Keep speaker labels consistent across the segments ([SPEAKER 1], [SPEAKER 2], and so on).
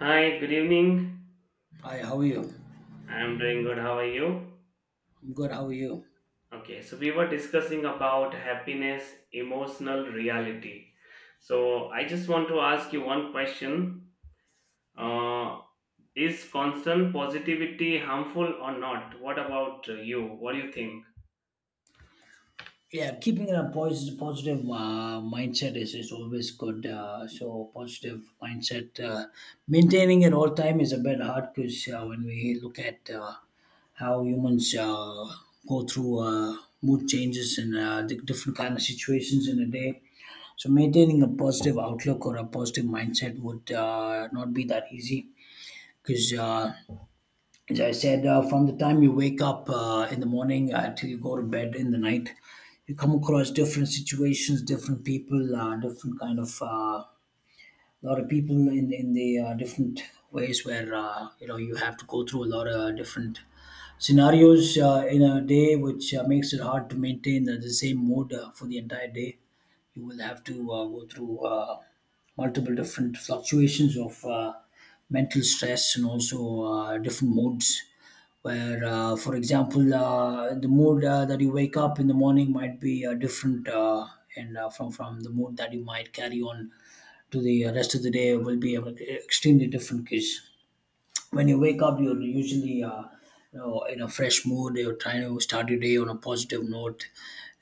[SPEAKER 1] Hi, good evening.
[SPEAKER 2] Hi, how are you?
[SPEAKER 1] I'm doing good. How are you?
[SPEAKER 2] I'm good. How are you?
[SPEAKER 1] Okay, so we were discussing about happiness, emotional reality. So I just want to ask you one question. Uh, is constant positivity harmful or not? What about you? What do you think?
[SPEAKER 2] Yeah, keeping a positive mindset is always good. So positive mindset, maintaining it all time is a bit hard because when we look at how humans go through mood changes and different kind of situations in a day, so maintaining a positive outlook or a positive mindset would not be that easy, because, as I said, from the time you wake up in the morning till you go to bed in the night, you come across different situations, different people, different kind of a lot of people in the different ways where you have to go through a lot of different scenarios in a day, which makes it hard to maintain the same mood for the entire day. You will have to go through multiple different fluctuations of mental stress and also different moods. For example, the mood that you wake up in the morning might be different, and from the mood that you might carry on to the rest of the day will be extremely different. Case when you wake up you're usually in a fresh mood, you're trying to start your day on a positive note,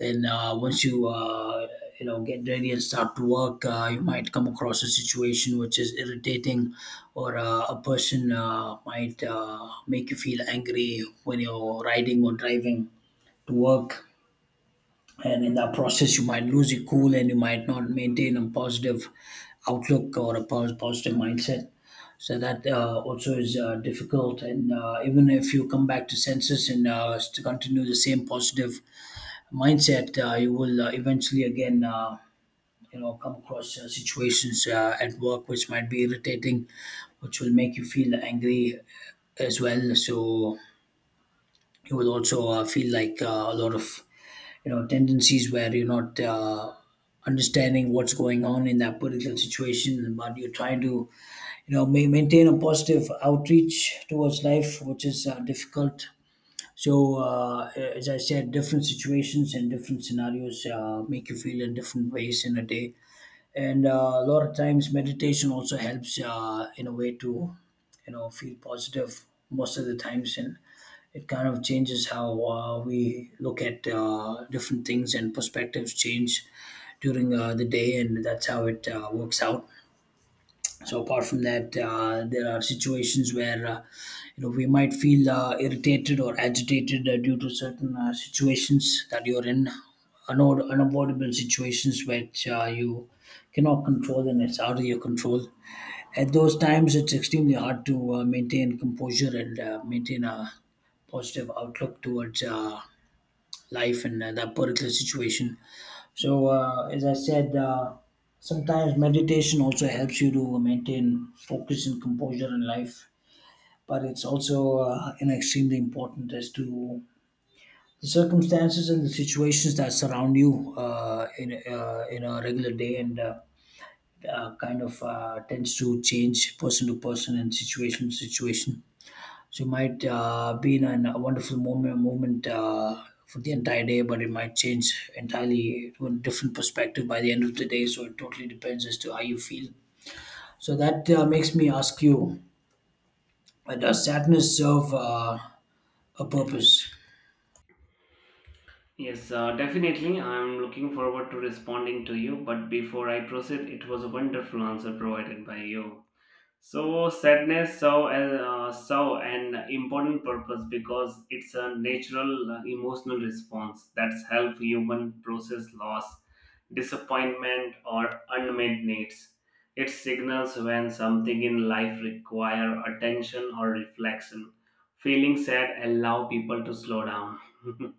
[SPEAKER 2] and once you you know get ready and start to work, you might come across a situation which is irritating, or a person might make you feel angry when you're riding or driving to work, and in that process you might lose your cool and you might not maintain a positive outlook or a positive mindset. So that also is difficult, and even if you come back to senses and to continue the same positive mindset, you will eventually again come across situations at work which might be irritating, which will make you feel angry as well. So you will also feel like a lot of tendencies where you're not understanding what's going on in that particular situation, but you're trying to maintain a positive outreach towards life, which is difficult. So uh, as I said, different situations and different scenarios make you feel in different ways in a day. And a lot of times, meditation also helps in a way to feel positive most of the times, and it kind of changes how we look at different things, and perspectives change during the day, and that's how it works out. So apart from that, there are situations where we might feel irritated or agitated due to certain situations that you're in, unavoidable situations which you cannot control and it's out of your control. At those times, it's extremely hard to maintain composure and maintain a positive outlook towards life and that particular situation. So, as I said, sometimes meditation also helps you to maintain focus and composure in life, but it's also an extremely important as to the circumstances and the situations that surround you in a regular day, and kind of tends to change person to person and situation to situation. So it might be in a wonderful moment for the entire day, but it might change entirely to a different perspective by the end of the day. So it totally depends as to how you feel. So that makes me ask you, does sadness serve a purpose?
[SPEAKER 1] Yes, definitely. I'm looking forward to responding to you. But before I proceed, it was a wonderful answer provided by you. So sadness serve as serve an important purpose because it's a natural emotional response that's help human process loss, disappointment, or unmet needs. It signals when something in life require attention or reflection. Feeling sad allow people to slow down.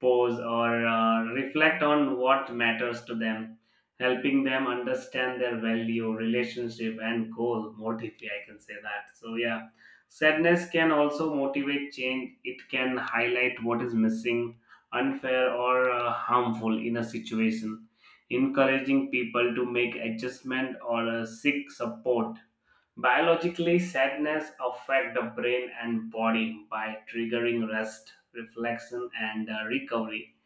[SPEAKER 1] Pause, or reflect on what matters to them, helping them understand their value, relationship, and goal more deeply. I can say that. So, yeah, sadness can also motivate change. It can highlight what is missing, unfair, or harmful in a situation. Encouraging people to make adjustment or seek support. Biologically, sadness affects the brain and body by triggering rest, reflection, and recovery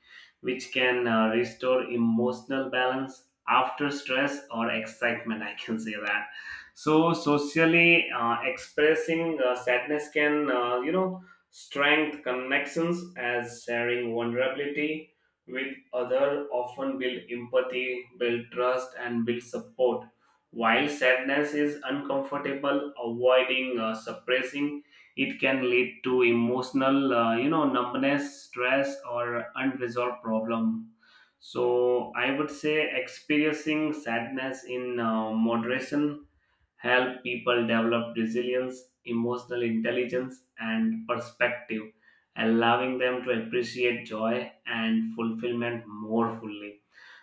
[SPEAKER 1] which can restore emotional balance after stress or excitement. I can say that. So socially expressing sadness can, you know, strengthen connections as sharing vulnerability with other often build empathy, build trust, and build support. While sadness is uncomfortable, avoiding suppressing it can lead to emotional, you know, numbness, stress, or unresolved problem. So I would say experiencing sadness in moderation help people develop resilience, emotional intelligence, and perspective, allowing them to appreciate joy and fulfillment more fully.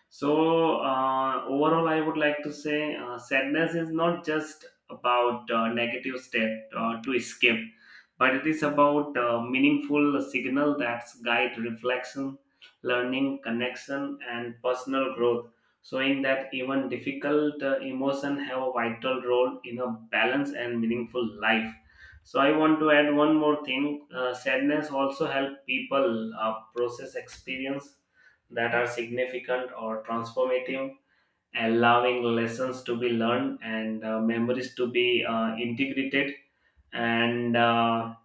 [SPEAKER 1] So, overall, I would like to say sadness is not just about negative step to escape, but it is about meaningful signal that guide reflection, learning, connection, and personal growth, showing that even difficult emotion have a vital role in a balanced and meaningful life. So I want to add one more thing. Sadness also help people process experience that are significant or transformative, allowing lessons to be learned and memories to be integrated and uh,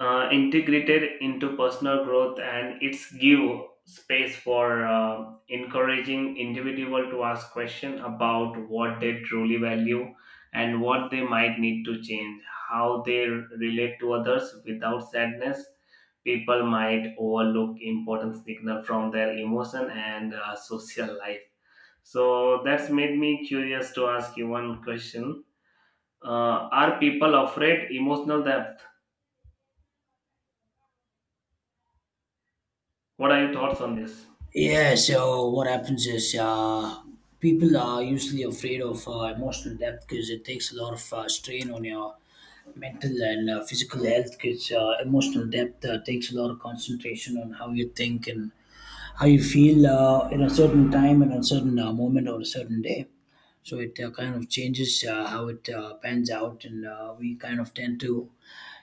[SPEAKER 1] uh, integrated into personal growth, and it's give space for encouraging individual to ask question about what they truly value and what they might need to change, how they relate to others. Without sadness, people might overlook important signal from their emotion and social life. So that's made me curious to ask you one question. Are people afraid emotional depth? What are your thoughts on this?
[SPEAKER 2] Yeah, so what happens is, people are usually afraid of emotional depth because it takes a lot of strain on your mental and physical health, because emotional depth takes a lot of concentration on how you think and how you feel in a certain time and a certain moment or a certain day. So it kind of changes how it pans out, and we kind of tend to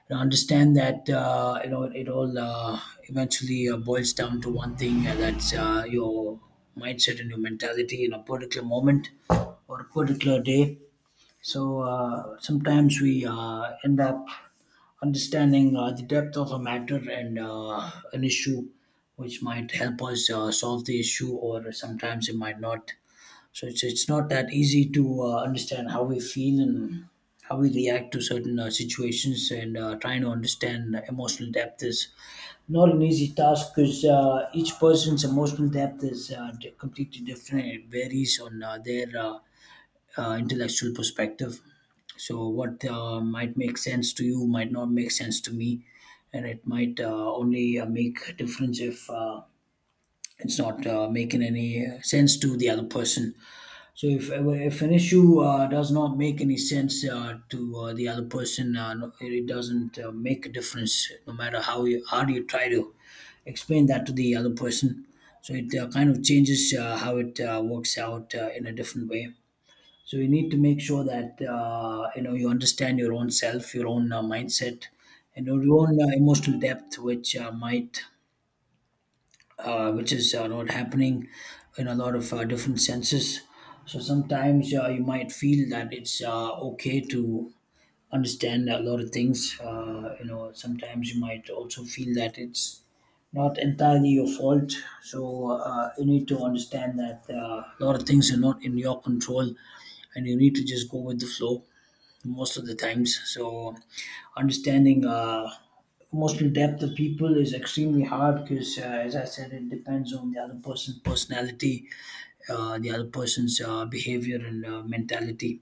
[SPEAKER 2] understand that it all eventually boils down to one thing, that's your mindset and your mentality in a particular moment or a particular day. So sometimes we end up understanding the depth of a matter and an issue, which might help us solve the issue, or sometimes it might not. So it's not that easy to understand how we feel and how we react to certain situations, and trying to understand emotional depth is not an easy task because each person's emotional depth is completely different. It varies on their intellectual perspective. So, what might make sense to you might not make sense to me, and it might only make difference if it's not making any sense to the other person. So, if an issue does not make any sense to the other person, it doesn't make a difference, no matter how hard you try to explain that to the other person. So, it kind of changes how it works out in a different way. So you need to make sure that you understand your own self, your own mindset, and your own emotional depth, which is not happening in a lot of different senses. So sometimes you might feel that it's okay to understand a lot of things. Sometimes you might also feel that it's not entirely your fault. So you need to understand that a lot of things are not in your control, and you need to just go with the flow most of the times. So understanding emotional depth of people is extremely hard because, as I said, it depends on the other person's personality, the other person's behavior and mentality.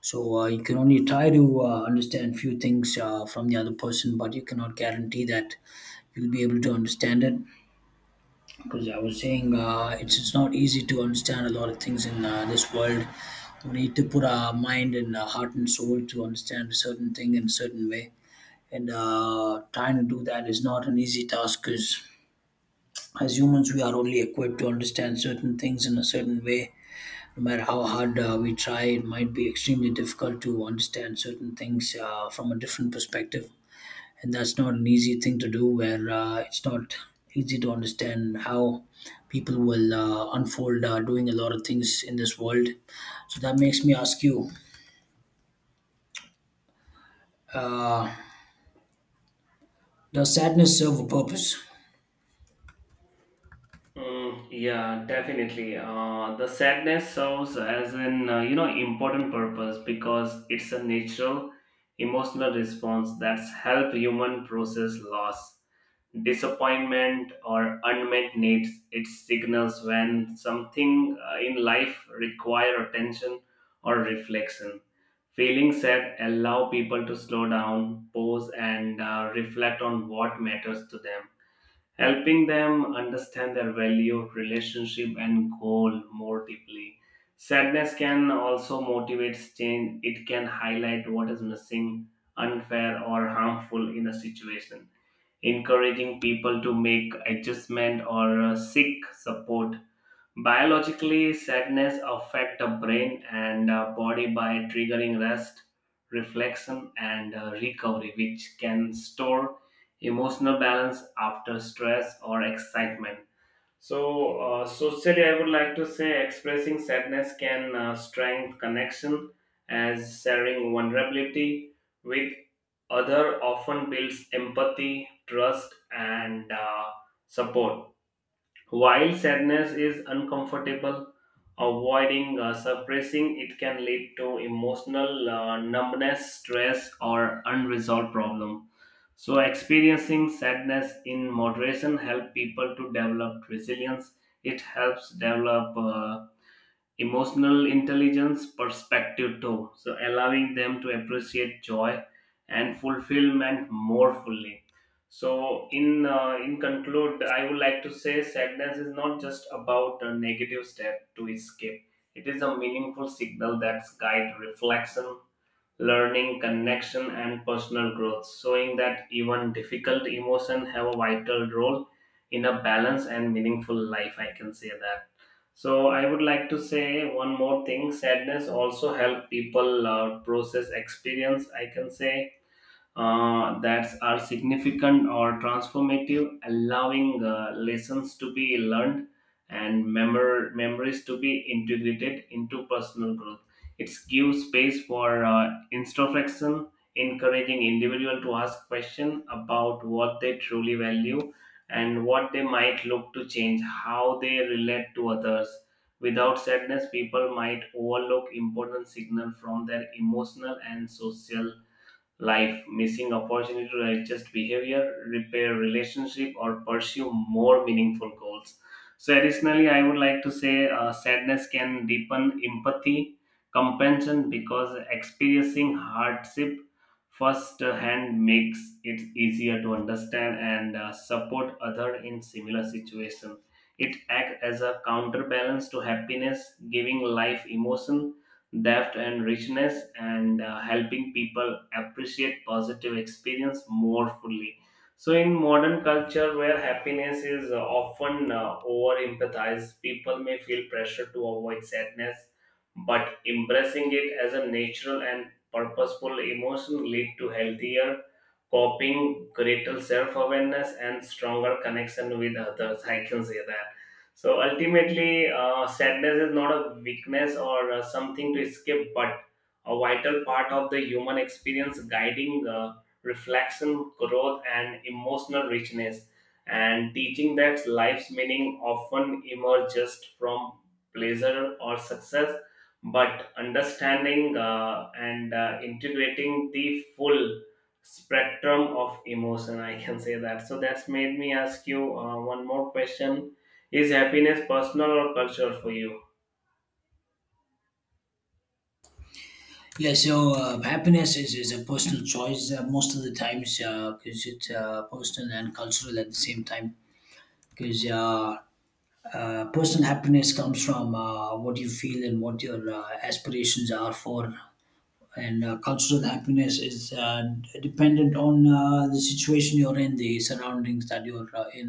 [SPEAKER 2] So you can only try to understand few things from the other person, but you cannot guarantee that you'll be able to understand it. Because I was saying, it's not easy to understand a lot of things in this world. We need to put our mind and heart and soul to understand a certain thing in a certain way, and trying to do that is not an easy task. Because as humans, we are only equipped to understand certain things in a certain way. No matter how hard we try, it might be extremely difficult to understand certain things from a different perspective. And that's not an easy thing to do, where it's not easy to understand how people will unfold doing a lot of things in this world. So that makes me ask you, does sadness serve a purpose?
[SPEAKER 1] Mm, yeah, definitely. The sadness serves as an you know important purpose because it's a natural emotional response that's help human process loss, disappointment, or unmet needs. It signals when something in life require attention or reflection. Feeling sad allow people to slow down, pause, and reflect on what matters to them, helping them understand their value, relationship, and goal more deeply. Sadness can also motivate change. It can highlight what is missing, unfair, or harmful in a situation, encouraging people to make adjustment or seek support. Biologically, sadness affect the brain and body by triggering rest, reflection, and recovery, which can store emotional balance after stress or excitement. So, socially, I would like to say expressing sadness can strengthen connection as sharing vulnerability with other often builds empathy, trust, and support. While sadness is uncomfortable, avoiding suppressing it can lead to emotional numbness, stress, or unresolved problem. So, experiencing sadness in moderation helps people to develop resilience. It helps develop emotional intelligence perspective too. So, allowing them to appreciate joy and fulfillment more fully. So, in conclude, I would like to say sadness is not just about a negative step to escape. It is a meaningful signal that guides reflection, learning, connection, and personal growth, showing that even difficult emotions have a vital role in a balanced and meaningful life. I can say that. So I would like to say one more thing. Sadness also help people process experience. I can say that are significant or transformative, allowing lessons to be learned and memories to be integrated into personal growth. It gives space for introspection, encouraging individual to ask questions about what they truly value and what they might look to change, how they relate to others. Without sadness, people might overlook important signal from their emotional and social life, missing opportunity to adjust behavior, repair relationship, or pursue more meaningful goals. So, additionally, I would like to say sadness can deepen empathy, compassion, because experiencing hardship firsthand makes it easier to understand and support other in similar situation. It acts as a counterbalance to happiness, giving life emotion depth and richness, and helping people appreciate positive experience more fully. So in modern culture where happiness is often over empathized, people may feel pressure to avoid sadness, but embracing it as a natural and purposeful emotion lead to healthier coping, greater self-awareness, and stronger connection with others. I can say that. So ultimately, sadness is not a weakness or something to escape, but a vital part of the human experience, guiding reflection, growth, and emotional richness, and teaching that life's meaning often emerges just from pleasure or success, but understanding and integrating the full spectrum of emotion. I can say that. So that's made me ask you one more question. Is happiness personal or cultural for you?
[SPEAKER 2] Yeah, so happiness is a personal choice most of the times, because it's personal and cultural at the same time. Because personal happiness comes from what you feel and what your aspirations are for, and cultural happiness is dependent on the situation you're in, the surroundings that you're in,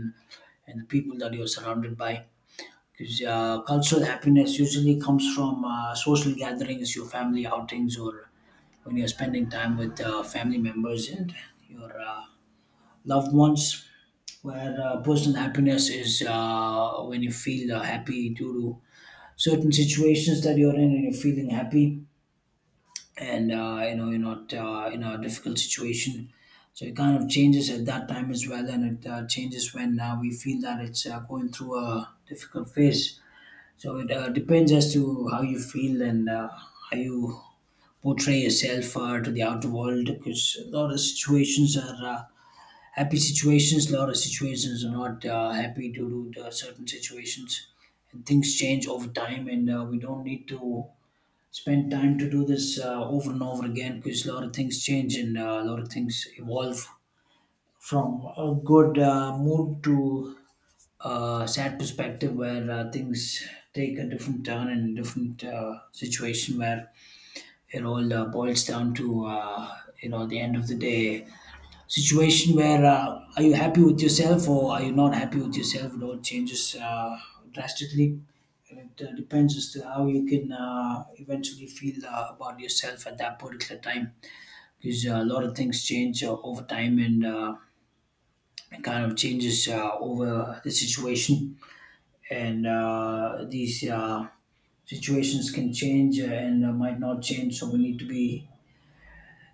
[SPEAKER 2] and the people that you're surrounded by, because cultural happiness usually comes from social gatherings, your family outings, or when you're spending time with family members and your loved ones. Where personal happiness is when you feel happy due to certain situations that you're in and you're feeling happy, and you're not in a difficult situation. So it kind of changes at that time as well, and it changes when we feel that it's going through a difficult phase. So it depends as to how you feel and how you portray yourself to the outer world, because a lot of situations are happy situations, a lot of situations are not happy due to the certain situations, and things change over time, and we don't need to spend time to do this over and over again, because a lot of things change and a lot of things evolve from a good mood to a sad perspective, where things take a different turn and different situation, where it all boils down to the end of the day situation, where are you happy with yourself, or are you not happy with yourself? It all changes drastically. And it depends as to how you can eventually feel about yourself at that particular time, because a lot of things change over time, and it kind of changes over the situation. And these situations can change and might not change, so we need to be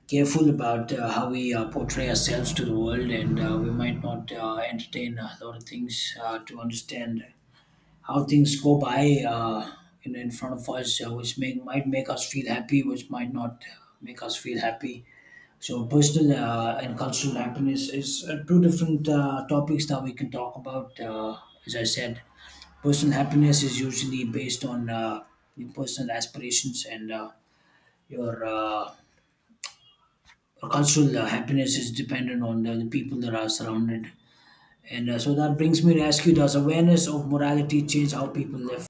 [SPEAKER 2] careful about how we portray ourselves to the world, and we might not entertain a lot of things to understand how things go by in front of us, which might make us feel happy, which might not make us feel happy. So, personal and cultural happiness is two different topics that we can talk about. As I said, personal happiness is usually based on your personal aspirations, and your cultural happiness is dependent on the people that are surrounded. And so that brings me to ask you, does awareness of morality change how people live?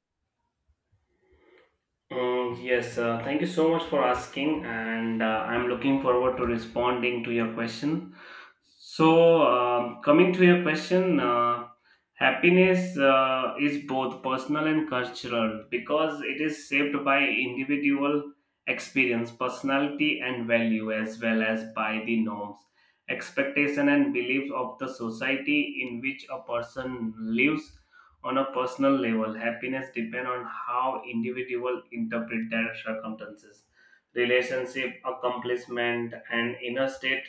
[SPEAKER 1] Mm, yes, thank you so much for asking, and I'm looking forward to responding to your question. So, coming to your question, happiness is both personal and cultural because it is shaped by individual experience, personality, and value, as well as by the norms, expectation, and beliefs of the society in which a person lives. On a personal level, happiness depends on how individual interpret their circumstances, relationship, accomplishment, and inner state,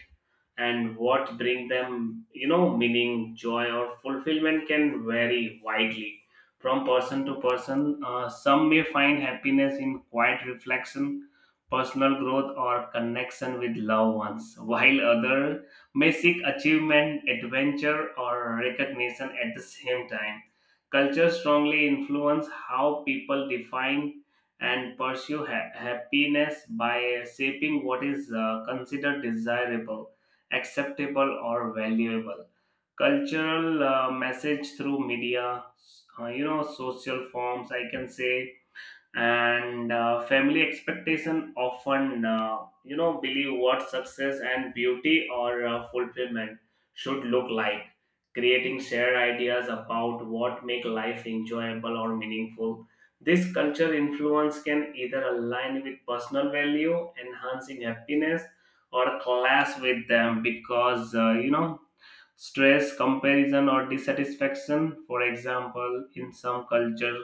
[SPEAKER 1] and what bring them, you know, meaning, joy, or fulfillment can vary widely from person to person. Some may find happiness in quiet reflection, personal growth, or connection with loved ones while others may seek achievement, adventure, or recognition. At the same time, culture strongly influence how people define and pursue happiness by shaping what is considered desirable, acceptable, or valuable. Cultural message through media, you know, social forms, I can say, and family expectation often, you know, believe what success and beauty or fulfillment should look like, creating shared ideas about what make life enjoyable or meaningful. This culture influence can either align with personal value, enhancing happiness, or clash with them because, you know, stress, comparison, or dissatisfaction. For example, in some culture,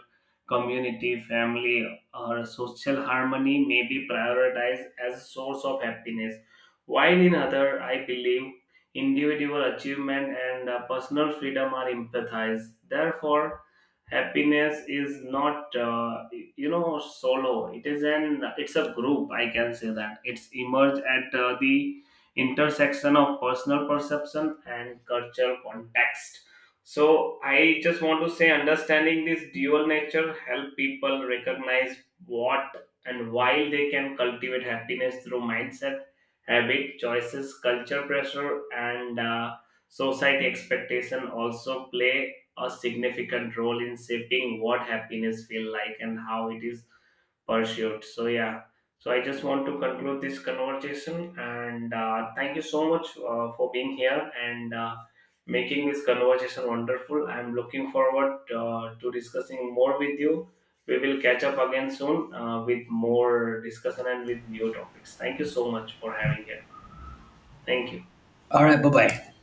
[SPEAKER 1] community, family, or social harmony may be prioritized as a source of happiness, while in other, I believe individual achievement and personal freedom are empathized. Therefore, happiness is not you know solo, it is an it's a group, I can say that. It's emerged at the intersection of personal perception and cultural context. So I just want to say understanding this dual nature help people recognize what and why they can cultivate happiness through mindset, habit, choices. Culture pressure and society expectation also play a significant role in shaping what happiness feel like and how it is pursued. So yeah, so I just want to conclude this conversation and thank you so much for being here and making this conversation wonderful. I'm looking forward to discussing more with you. We will catch up again soon with more discussion and with new topics. Thank you so much for having here. Thank you.
[SPEAKER 2] All right, bye bye.